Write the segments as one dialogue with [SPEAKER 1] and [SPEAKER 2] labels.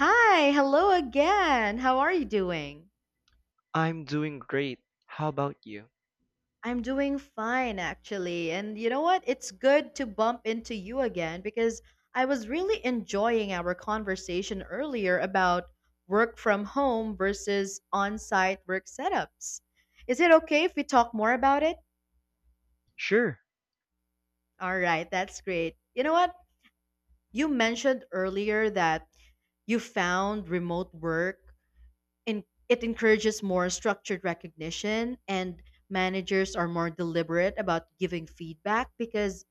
[SPEAKER 1] Hi, hello again. How are you doing?
[SPEAKER 2] I'm doing great. How about you?
[SPEAKER 1] I'm doing fine, actually. And you know what? It's good to bump into you again because I was really enjoying our conversation earlier about work from home versus on site work setups. Is it okay if we talk more about it?
[SPEAKER 2] Sure,
[SPEAKER 1] All right, that's great. You know what? You mentioned earlier that you found remote work in, it encourages more structured recognition and managers are more deliberate about giving feedback because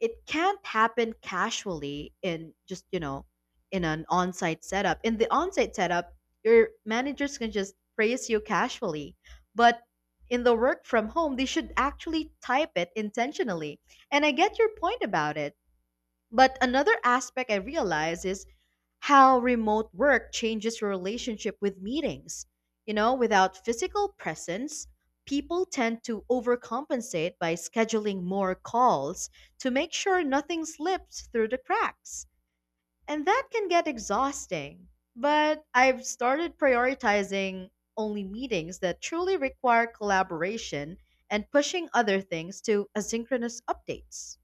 [SPEAKER 1] it can't happen casually in just in an on-site setup in the on-site setup your managers can just praise you casually but in the work from home they should actually type it intentionally and I get your point about it but another aspect I realize is how remote work changes your relationship with meetings. You know, without physical presence, people tend to overcompensate by scheduling more calls to make sure nothing slips through the cracks. And that can get exhausting. But I've started prioritizing only meetings that truly require collaboration and pushing other things to asynchronous updates.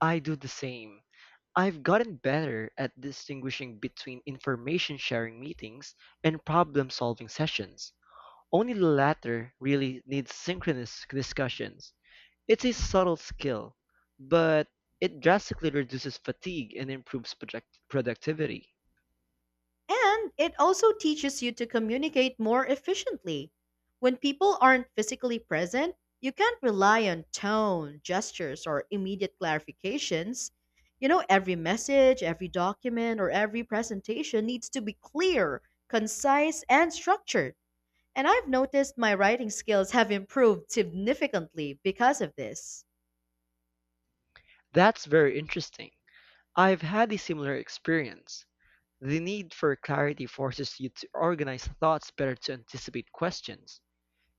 [SPEAKER 2] I do the same. I've gotten better at distinguishing between information sharing meetings and problem solving sessions. Only the latter really needs synchronous discussions. It's a subtle skill, but it drastically reduces fatigue and improves project productivity.
[SPEAKER 1] And it also teaches you to communicate more efficiently. When people aren't physically present, you can't rely on tone, gestures, or immediate clarifications. You know, every message, every document, or every presentation needs to be clear, concise, and structured. And I've noticed my writing skills have improved significantly because of this.
[SPEAKER 2] That's very interesting. I've had a similar experience. The need for clarity forces you to organize thoughts better to anticipate questions.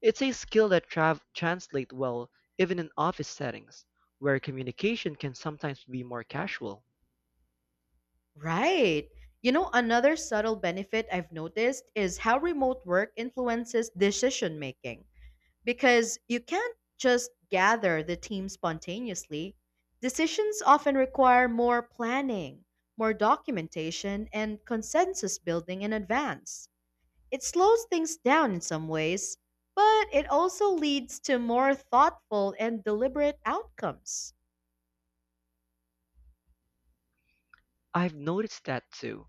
[SPEAKER 2] It's a skill that translates well even in office settings, where communication can sometimes be more casual.
[SPEAKER 1] Right. You know, another subtle benefit I've noticed is how remote work influences decision making. Because you can't just gather the team spontaneously. Decisions often require more planning, more documentation, and consensus building in advance. It slows things down in some ways, but it also leads to more thoughtful and deliberate outcomes.
[SPEAKER 2] I've noticed that too.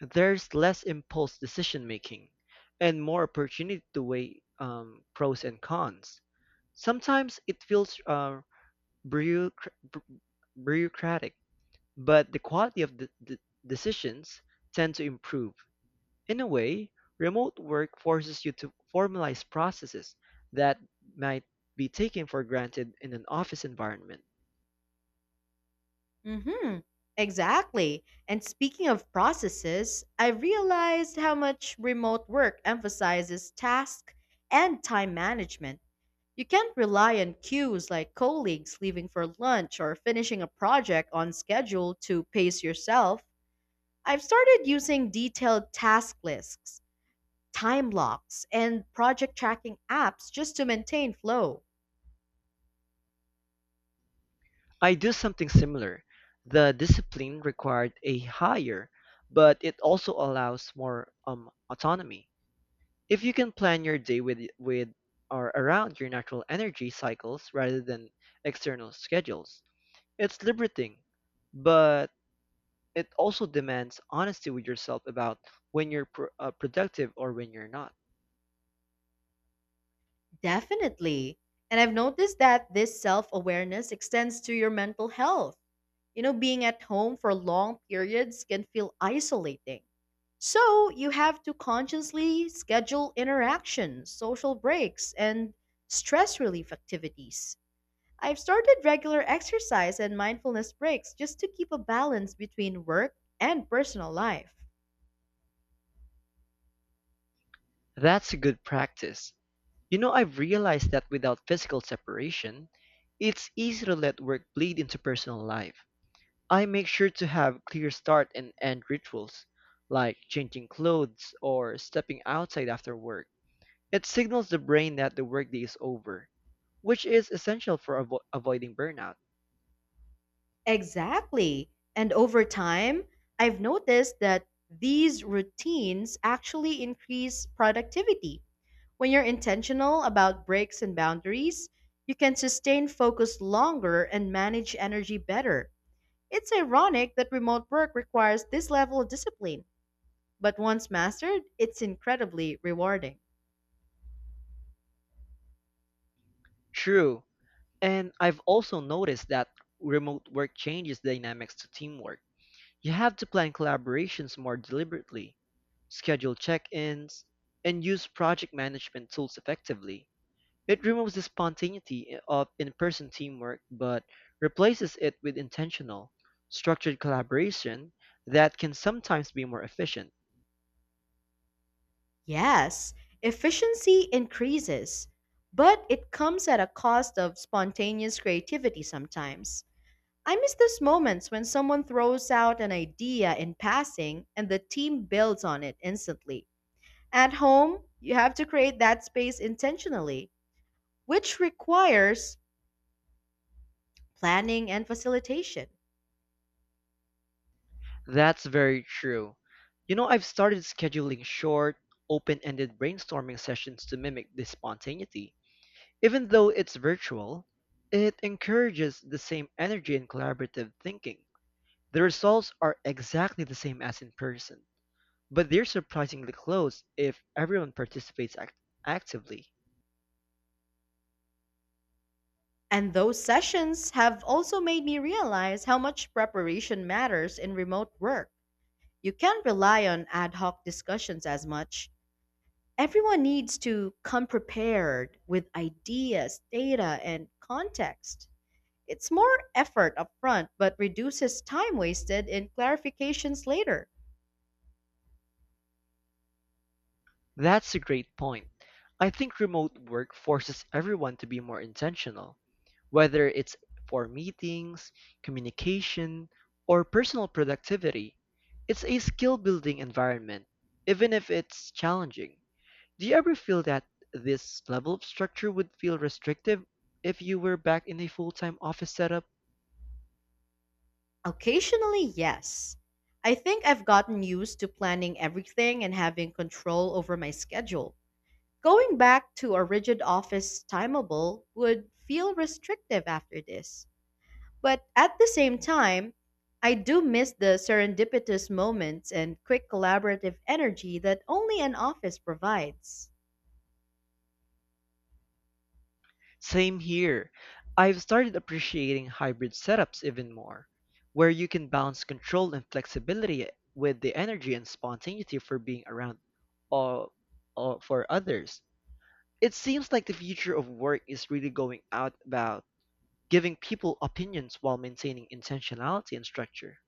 [SPEAKER 2] There's less impulse decision making and more opportunity to weigh pros and cons. Sometimes it feels bureaucra- bu- bureaucratic, but the quality of the decisions tend to improve. In a way, remote work forces you to formalize processes that might be taken for granted in an office environment.
[SPEAKER 1] Mhm. Exactly. And speaking of processes, I realized how much remote work emphasizes task and time management. You can't rely on cues like colleagues leaving for lunch or finishing a project on schedule to pace yourself. I've started using detailed task lists, time blocks, and project tracking apps just to maintain flow.
[SPEAKER 2] I do something similar. The discipline required a higher, but it also allows more autonomy. If you can plan your day with or around your natural energy cycles rather than external schedules, it's liberating, but it also demands honesty with yourself about when you're productive or when you're not.
[SPEAKER 1] Definitely. And I've noticed that this self awareness extends to your mental health. You know, being at home for long periods can feel isolating. So you have to consciously schedule interactions, social breaks, and stress relief activities. I've started regular exercise and mindfulness breaks just to keep a balance between work and personal life.
[SPEAKER 2] That's a good practice. You know, I've realized that without physical separation, it's easy to let work bleed into personal life. I make sure to have clear start and end rituals, like changing clothes or stepping outside after work. It signals the brain that the workday is over, which is essential for avoiding burnout.
[SPEAKER 1] Exactly. And over time, I've noticed that these routines actually increase productivity. When you're intentional about breaks and boundaries, you can sustain focus longer and manage energy better. It's ironic that remote work requires this level of discipline, but once mastered, it's incredibly rewarding.
[SPEAKER 2] True. And I've also noticed that remote work changes dynamics to teamwork. You have to plan collaborations more deliberately, schedule check ins, and use project management tools effectively. It removes the spontaneity of in person teamwork but replaces it with intentional, structured collaboration that can sometimes be more efficient.
[SPEAKER 1] Yes, efficiency increases, but it comes at a cost of spontaneous creativity sometimes. I miss those moments when someone throws out an idea in passing and the team builds on it instantly. At home, you have to create that space intentionally, which requires planning and facilitation.
[SPEAKER 2] That's very true. You know, I've started scheduling short, open ended brainstorming sessions to mimic this spontaneity. Even though it's virtual, it encourages the same energy and collaborative thinking. The results are exactly the same as in person, but they're surprisingly close if everyone participates actively.
[SPEAKER 1] And those sessions have also made me realize how much preparation matters in remote work. You can't rely on ad hoc discussions as much. Everyone needs to come prepared with ideas, data, and context. It's more effort upfront, but reduces time wasted in clarifications later.
[SPEAKER 2] That's a great point. I think remote work forces everyone to be more intentional, whether it's for meetings, communication, or personal productivity. It's a skill building environment, even if it's challenging. Do you ever feel that this level of structure would feel restrictive if you were back in a full-time office setup?
[SPEAKER 1] Occasionally, yes. I think I've gotten used to planning everything and having control over my schedule. Going back to a rigid office timeable would feel restrictive after this. But at the same time, I do miss the serendipitous moments and quick collaborative energy that only an office provides.
[SPEAKER 2] Same here. I've started appreciating hybrid setups even more, where you can balance control and flexibility with the energy and spontaneity for being around or, or for others. It seems like the future of work is really going out about giving people opinions while maintaining intentionality and structure.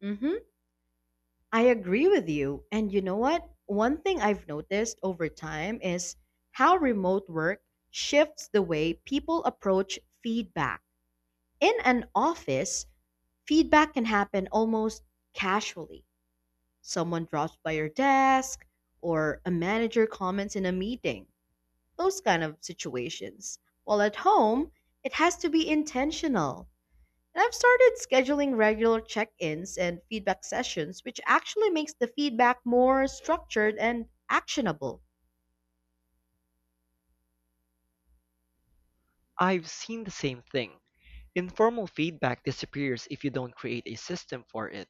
[SPEAKER 1] Mhm. I agree with you. And you know what? One thing I've noticed over time is how remote work shifts the way people approach feedback. In an office, feedback can happen almost casually. Someone drops by your desk, or a manager comments in a meeting, those kind of situations. While at home, it has to be intentional and I've started scheduling regular check ins and feedback sessions, which actually makes the feedback more structured and actionable.
[SPEAKER 2] I've seen the same thing. Informal feedback disappears if you don't create a system for it.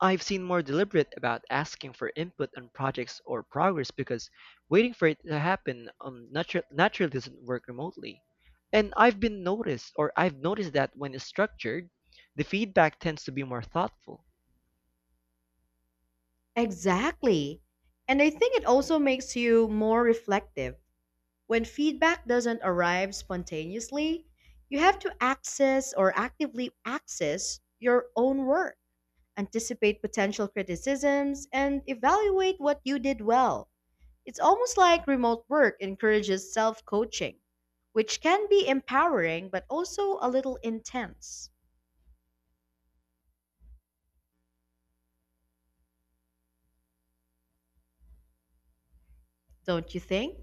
[SPEAKER 2] I've seen more deliberate about asking for input on projects or progress because waiting for it to happen naturally doesn't work remotely. And I've noticed that when it's structured, the feedback tends to be more thoughtful.
[SPEAKER 1] Exactly. And I think it also makes you more reflective. When feedback doesn't arrive spontaneously, you have to access or actively access your own work, anticipate potential criticisms, and evaluate what you did well. It's almost like remote work encourages self coaching, which can be empowering but also a little intense, don't you think?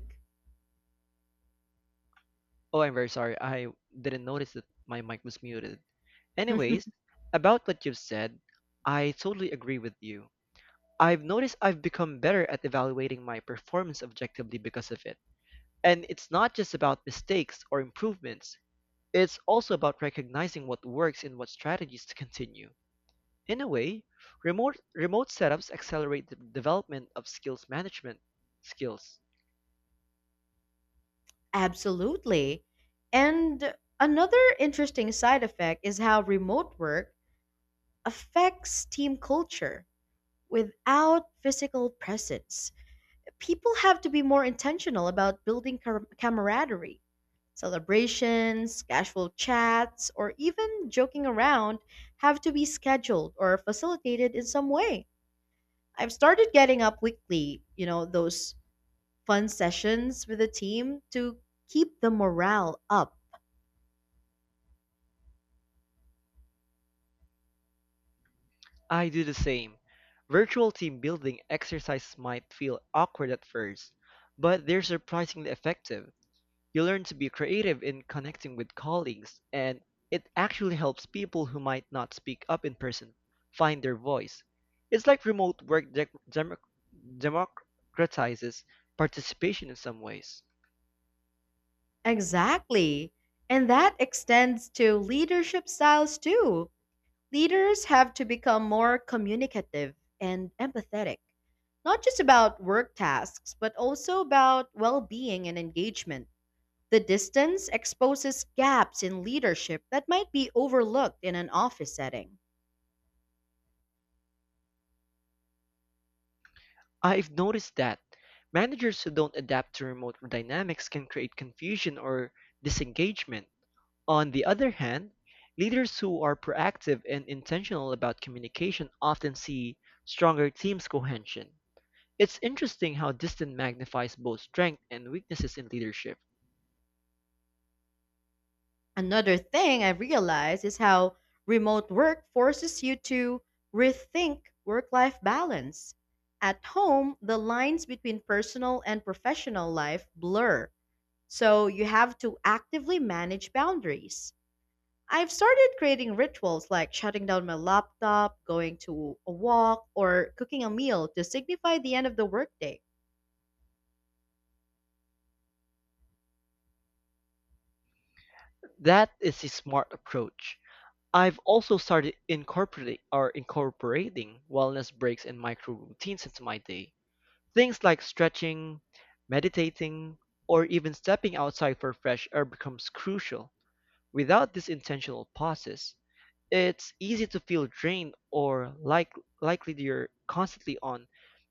[SPEAKER 2] Oh, I'm very sorry. I didn't notice that my mic was muted. Anyways, about what you've said, I totally agree with you. I've noticed I've become better at evaluating my performance objectively because of it. And it's not just about mistakes or improvements, it's also about recognizing what works and what strategies to continue. In a way, remote setups accelerate the development of skills management skills.
[SPEAKER 1] Absolutely. And another interesting side effect is how remote work affects team culture without physical presence. People have to be more intentional about building camaraderie, celebrations, casual chats, or even joking around have to be scheduled or facilitated in some way. I've started getting up weekly, you know, those fun sessions with the team to keep the morale up.
[SPEAKER 2] I do the same. Virtual team building exercises might feel awkward at first, but they're surprisingly effective. You learn to be creative in connecting with colleagues, and it actually helps people who might not speak up in person find their voice. It's like remote work democratizes participation in some ways.
[SPEAKER 1] Exactly. And that extends to leadership styles too. Leaders have to become more communicative and empathetic, not just about work tasks, but also about well being and engagement. The distance exposes gaps in leadership that might be overlooked in an office setting.
[SPEAKER 2] I've noticed that managers who don't adapt to remote dynamics can create confusion or disengagement. On the other hand, leaders who are proactive and intentional about communication often see stronger teams cohesion. It's interesting how distance magnifies both strengths and weaknesses in leadership.
[SPEAKER 1] Another thing I realized is how remote work forces you to rethink work life balance. At home, the lines between personal and professional life blur, so you have to actively manage boundaries. I've started creating rituals like shutting down my laptop, going to a walk, or cooking a meal to signify the end of the workday.
[SPEAKER 2] That is a smart approach. I've also started incorporating wellness breaks and micro routines into my day. Things like stretching, meditating, or even stepping outside for fresh air becomes crucial. Without these intentional pauses, it's easy to feel drained or like likely you're constantly on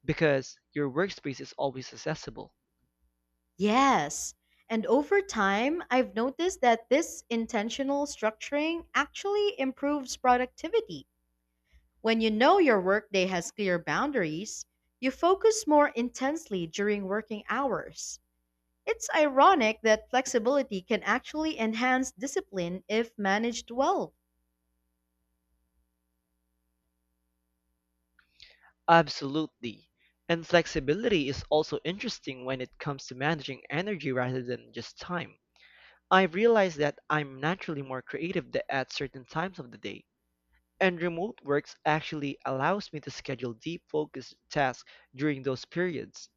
[SPEAKER 2] because your workspace is always accessible.
[SPEAKER 1] Yes. And over time, I've noticed that this intentional structuring actually improves productivity. When you know your workday has clear boundaries, you focus more intensely during working hours. It's ironic that flexibility can actually enhance discipline if managed well.
[SPEAKER 2] Absolutely. And flexibility is also interesting when it comes to managing energy rather than just time. I've realized that I'm naturally more creative at certain times of the day. And remote works actually allows me to schedule deep focused tasks during those periods.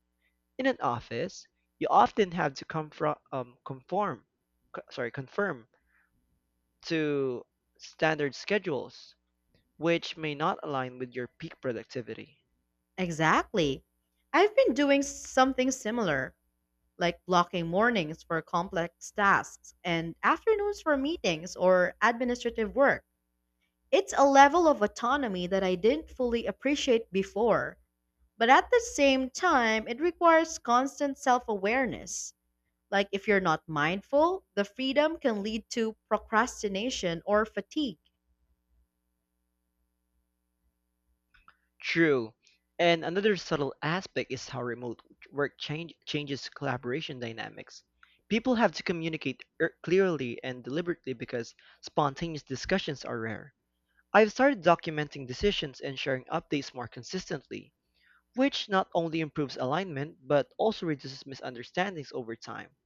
[SPEAKER 2] In an office, you often have to confirm to standard schedules, which may not align with your peak productivity.
[SPEAKER 1] Exactly. I've been doing something similar, like blocking mornings for complex tasks and afternoons for meetings or administrative work. It's a level of autonomy that I didn't fully appreciate before, but at the same time, it requires constant self awareness. Like, if you're not mindful, the freedom can lead to procrastination or fatigue.
[SPEAKER 2] True. And another subtle aspect is how remote changes collaboration dynamics. People have to communicate clearly and deliberately because spontaneous discussions are rare. I've started documenting decisions and sharing updates more consistently, which not only improves alignment but also reduces misunderstandings over time.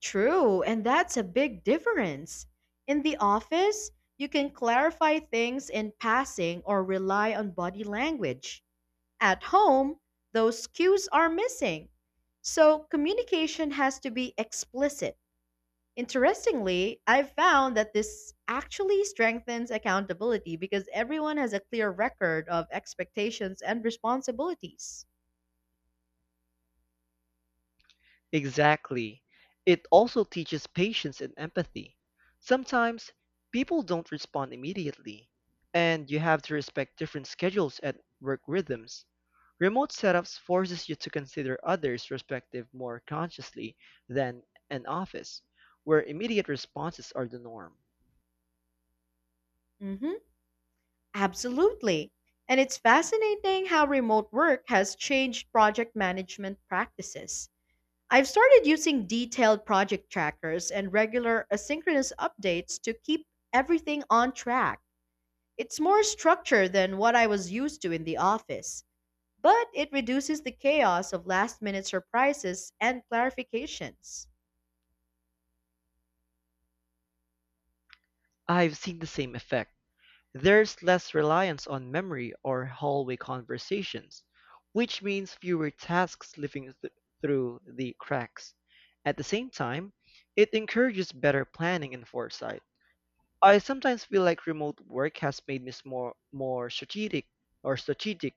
[SPEAKER 1] True, and that's a big difference. In the office, you can clarify things in passing or rely on body language. At home, those cues are missing. So communication has to be explicit. Interestingly, I've found that this actually strengthens accountability because everyone has a clear record of expectations and responsibilities.
[SPEAKER 2] Exactly. It also teaches patience and empathy. Sometimes people don't respond immediately, and you have to respect different schedules and work rhythms. Remote setups forces you to consider others' perspective more consciously than an office, where immediate responses are the norm.
[SPEAKER 1] Hmm. Absolutely. And it's fascinating how remote work has changed project management practices. I've started using detailed project trackers and regular asynchronous updates to keep everything on track. It's more structure than what I was used to in the office, but it reduces the chaos of last minute surprises and clarifications.
[SPEAKER 2] I've seen the same effect. There's less reliance on memory or hallway conversations, which means fewer tasks through the cracks. At the same time, it encourages better planning and foresight. I sometimes feel like remote work has made me more strategic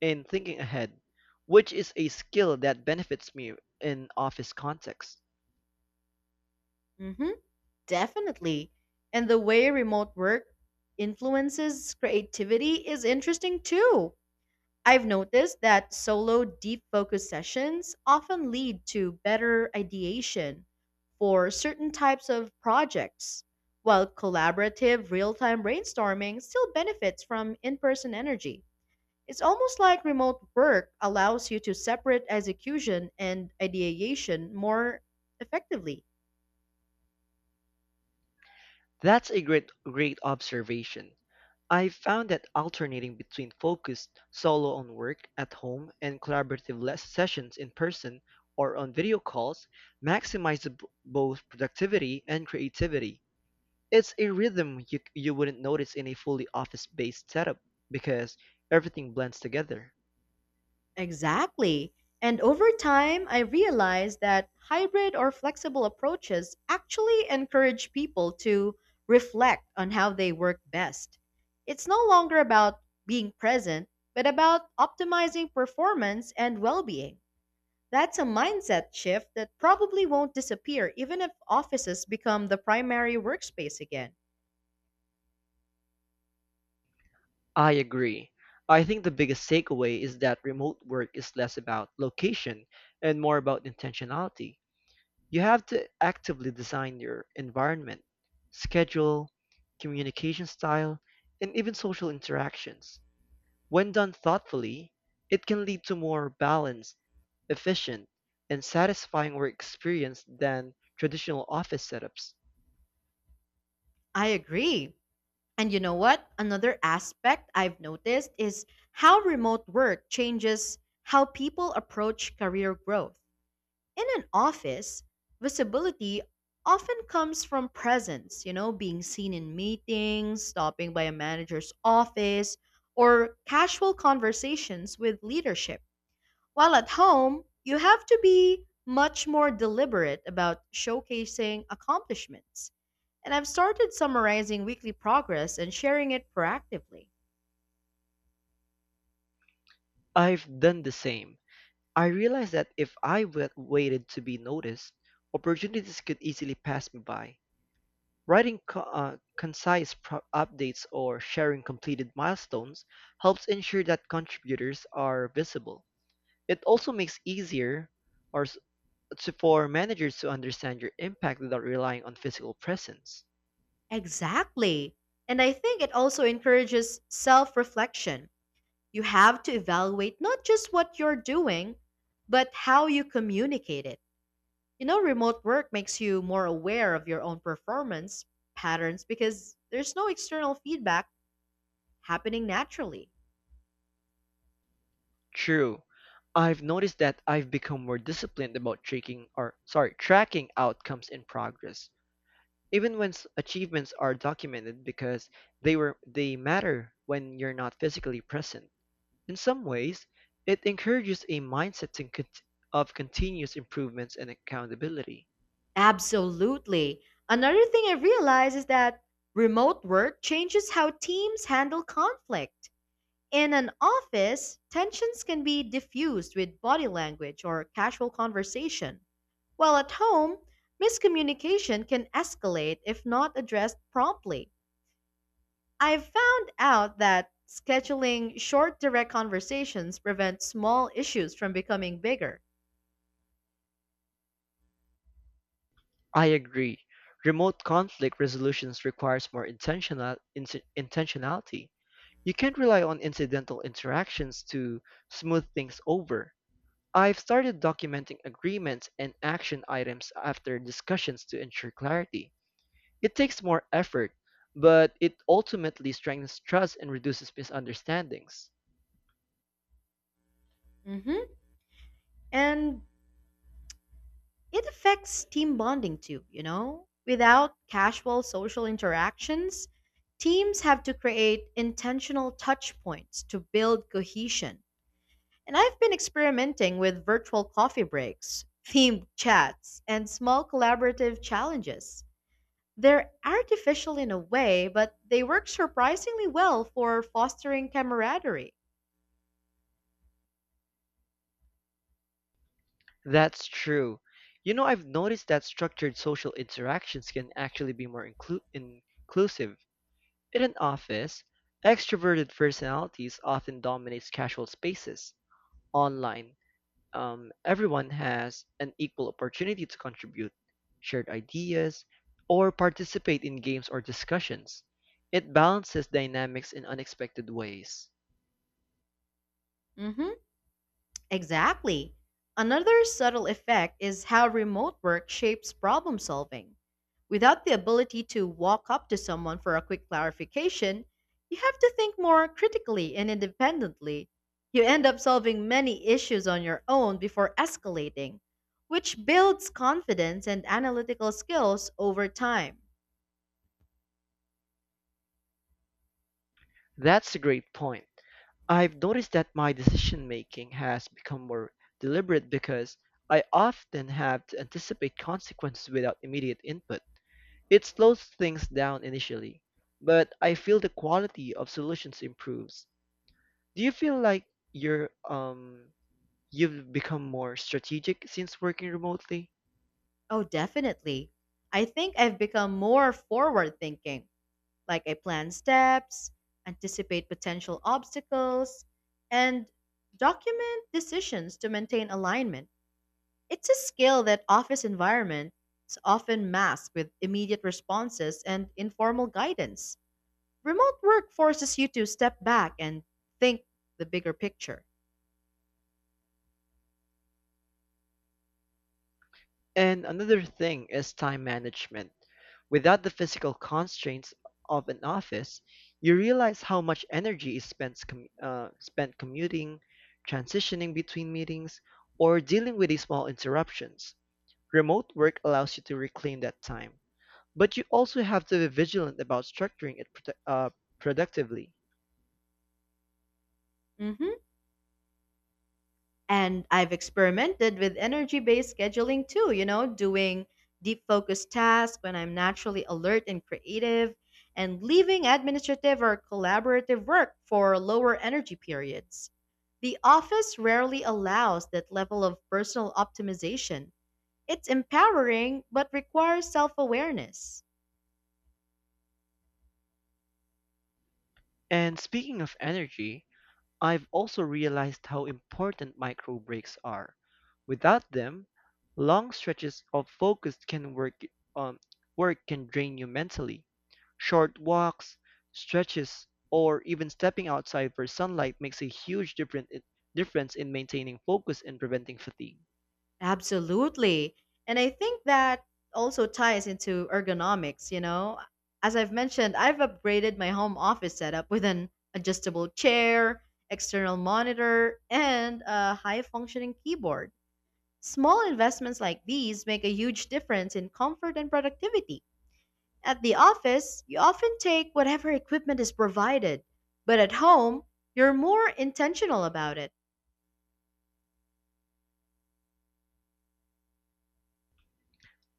[SPEAKER 2] in thinking ahead, which is a skill that benefits me in office context.
[SPEAKER 1] Hmm, definitely. And the way remote work influences creativity is interesting too. I've noticed that solo deep focus sessions often lead to better ideation for certain types of projects, while collaborative real time brainstorming still benefits from in person energy. It's almost like remote work allows you to separate execution and ideation more effectively.
[SPEAKER 2] That's a great observation. I've found that alternating between focused solo on work at home and collaborative less sessions in person or on video calls maximizes both productivity and creativity. It's a rhythm you wouldn't notice in a fully office based setup because everything blends together.
[SPEAKER 1] Exactly. And over time, I realized that hybrid or flexible approaches actually encourage people to reflect on how they work best. It's no longer about being present, but about optimizing performance and well being. That's a mindset shift that probably won't disappear even if offices become the primary workspace again.
[SPEAKER 2] I agree. I think the biggest takeaway is that remote work is less about location and more about intentionality. You have to actively design your environment, schedule, communication style, and even social interactions. When done thoughtfully, it can lead to more balanced, efficient, and satisfying work experience than traditional office setups.
[SPEAKER 1] I agree. And you know what? Another aspect I've noticed is how remote work changes how people approach career growth. In an office, visibility often comes from presence, you know, being seen in meetings, stopping by a manager's office, or casual conversations with leadership. While at home, you have to be much more deliberate about showcasing accomplishments and I've started summarizing weekly progress and sharing it proactively.
[SPEAKER 2] I've done the same. I realized that if I waited to be noticed, opportunities could easily pass me by. Writing concise updates or sharing completed milestones helps ensure that contributors are visible. It also makes easier or s- for managers to understand your impact without relying on physical presence.
[SPEAKER 1] Exactly. And I think it also encourages self reflection. You have to evaluate not just what you're doing, but how you communicate it. You know, remote work makes you more aware of your own performance patterns because there's no external feedback happening naturally.
[SPEAKER 2] True. I've noticed that I've become more disciplined about tracking outcomes in progress, even when achievements are documented because they matter when you're not physically present. In some ways, it encourages a mindset of continuous improvements and accountability.
[SPEAKER 1] Absolutely. Another thing I realize is that remote work changes how teams handle conflict. In an office, tensions can be diffused with body language or casual conversation, while at home, miscommunication can escalate if not addressed promptly. I've found out that scheduling short, direct conversations prevents small issues from becoming bigger.
[SPEAKER 2] I agree. Remote conflict resolutions requires more intentionality. You can't rely on incidental interactions to smooth things over. I've started documenting agreements and action items after discussions to ensure clarity. It takes more effort, but it ultimately strengthens trust and reduces misunderstandings.
[SPEAKER 1] Mhm. And it affects team bonding too, you know? Without casual social interactions, teams have to create intentional touch points to build cohesion. And I've been experimenting with virtual coffee breaks, themed chats, and small collaborative challenges. They're artificial in a way, but they work surprisingly well for fostering camaraderie.
[SPEAKER 2] That's true. You know, I've noticed that structured social interactions can actually be more inclusive. In an office, extroverted personalities often dominate casual spaces. Online, everyone has an equal opportunity to contribute, shared ideas, or participate in games or discussions. It balances dynamics in unexpected ways.
[SPEAKER 1] Hmm, exactly. Another subtle effect is how remote work shapes problem solving. Without the ability to walk up to someone for a quick clarification, you have to think more critically and independently. You end up solving many issues on your own before escalating, which builds confidence and analytical skills over time.
[SPEAKER 2] That's a great point. I've noticed that my decision making has become more deliberate because I often have to anticipate consequences without immediate input. It slows things down initially, but I feel the quality of solutions improves. Do you feel like you're um you've become more strategic since working remotely?
[SPEAKER 1] Oh, definitely. I think I've become more forward thinking, like I plan steps, anticipate potential obstacles, and document decisions to maintain alignment. It's a skill that office environments often mask with immediate responses and informal guidance. Remote work forces you to step back and think the bigger picture.
[SPEAKER 2] And another thing is time management. Without the physical constraints of an office, you realize how much energy is spent commuting, transitioning between meetings, or dealing with these small interruptions. Remote work allows you to reclaim that time, but you also have to be vigilant about structuring it productively.
[SPEAKER 1] Mhm. And I've experimented with energy based scheduling too, you know, doing deep focused tasks when I'm naturally alert and creative, and leaving administrative or collaborative work for lower energy periods. The office rarely allows that level of personal optimization. It's empowering, but requires self awareness.
[SPEAKER 2] And speaking of energy, I've also realized how important micro breaks are. Without them, long stretches of focus can work um, work can drain you mentally. Short walks, stretches, or even stepping outside for sunlight makes a huge difference in maintaining focus and preventing fatigue.
[SPEAKER 1] Absolutely. And I think that also ties into ergonomics, you know. As I've mentioned, I've upgraded my home office setup with an adjustable chair, external monitor, and a high functioning keyboard. Small investments like these make a huge difference in comfort and productivity. At the office, you often take whatever equipment is provided, but at home, you're more intentional about it.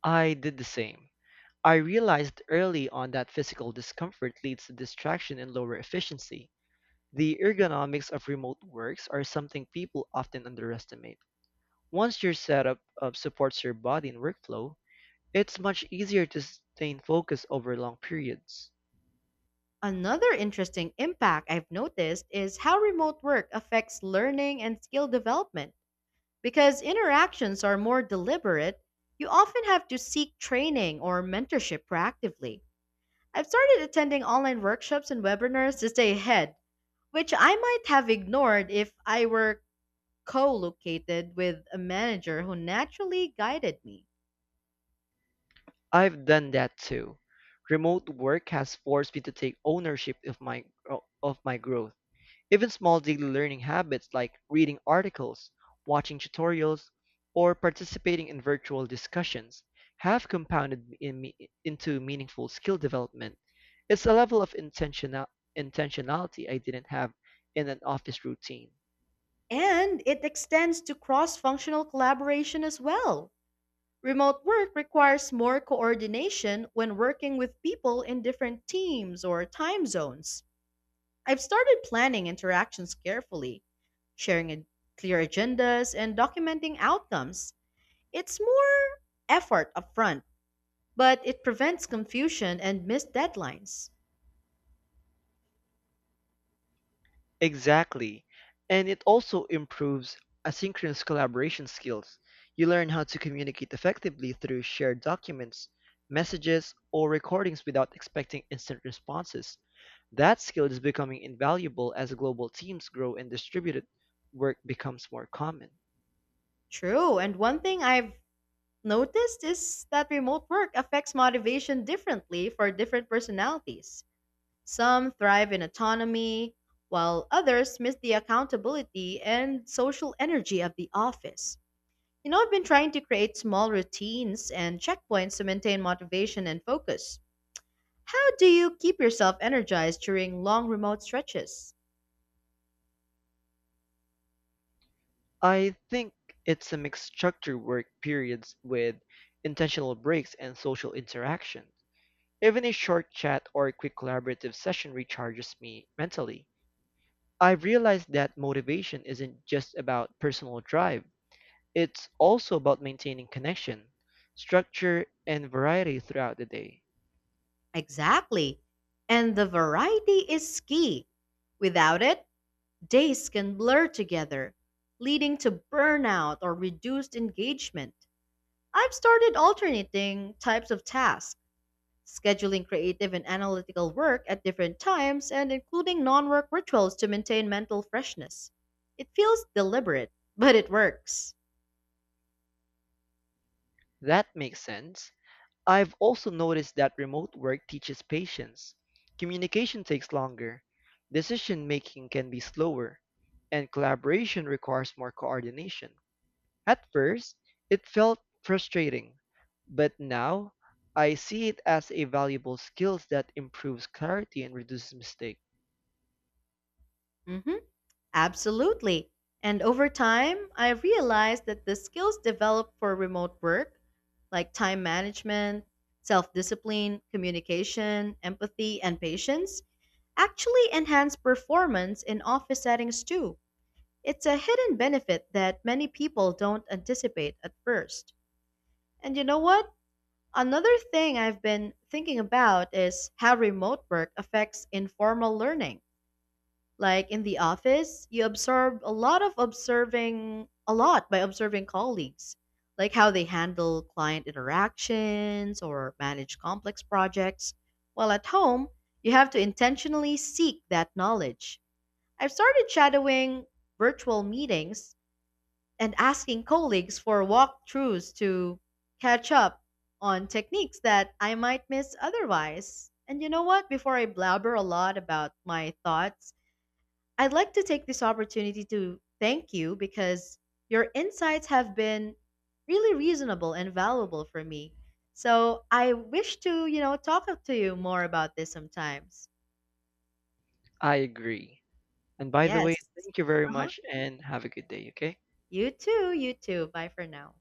[SPEAKER 2] I did the same. I realized early on that physical discomfort leads to distraction and lower efficiency. The ergonomics of remote works are something people often underestimate. Once your setup supports your body and workflow, it's much easier to sustain focus over long periods.
[SPEAKER 1] Another interesting impact I've noticed is how remote work affects learning and skill development. Because interactions are more deliberate, you often have to seek training or mentorship proactively. I've started attending online workshops and webinars to stay ahead, which I might have ignored if I were co located with a manager who naturally guided me.
[SPEAKER 2] I've done that too. Remote work has forced me to take ownership of my growth. Even small daily learning habits like reading articles, watching tutorials, or participating in virtual discussions have compounded into meaningful skill development. It's a level of intentionality I didn't have in an office routine.
[SPEAKER 1] And it extends to cross functional collaboration as well. Remote work requires more coordination when working with people in different teams or time zones. I've started planning interactions carefully, sharing clear agendas, and documenting outcomes. It's more effort upfront, but it prevents confusion and missed deadlines.
[SPEAKER 2] Exactly. And it also improves asynchronous collaboration skills. You learn how to communicate effectively through shared documents, messages, or recordings without expecting instant responses. That skill is becoming invaluable as global teams grow and distributed work becomes more common.
[SPEAKER 1] True, and one thing I've noticed is that remote work affects motivation differently for different personalities. Some thrive in autonomy, while others miss the accountability and social energy of the office. You know, I've been trying to create small routines and checkpoints to maintain motivation and focus. How do you keep yourself energized during long remote stretches?
[SPEAKER 2] I think it's a mixed structure work periods with intentional breaks and social interaction. Even a short chat or a quick collaborative session recharges me mentally. I've realized that motivation isn't just about personal drive, it's also about maintaining connection, structure, and variety throughout the day.
[SPEAKER 1] Exactly. And the variety is key. Without it, days can blur together, leading to burnout or reduced engagement. I've started alternating types of tasks, scheduling creative and analytical work at different times, and including non work rituals to maintain mental freshness. It feels deliberate, but it works.
[SPEAKER 2] That makes sense. I've also noticed that remote work teaches patience. Communication takes longer, decision making can be slower, and collaboration requires more coordination. At first, it felt frustrating, but now I see it as a valuable skill that improves clarity and reduces mistakes.
[SPEAKER 1] Hmm, absolutely. And over time, I realized that the skills developed for remote work, like time management, self discipline, communication, empathy, and patience, actually enhance performance in office settings too. It's a hidden benefit that many people don't anticipate at first. And you know what? Another thing I've been thinking about is how remote work affects informal learning. Like in the office, you absorb a lot of observing, a lot by observing colleagues, like how they handle client interactions or manage complex projects. While at home, you have to intentionally seek that knowledge. I've started shadowing virtual meetings and asking colleagues for walkthroughs to catch up on techniques that I might miss otherwise. And you know what? Before I blabber a lot about my thoughts, I'd like to take this opportunity to thank you because your insights have been really reasonable and valuable for me. So I wish to, you know, talk up to you more about this sometimes.
[SPEAKER 2] I agree. And by the way,
[SPEAKER 1] Yes.
[SPEAKER 2] thank you very
[SPEAKER 1] Uh huh.
[SPEAKER 2] much and have a good day, okay?
[SPEAKER 1] You too. You too. Bye for now.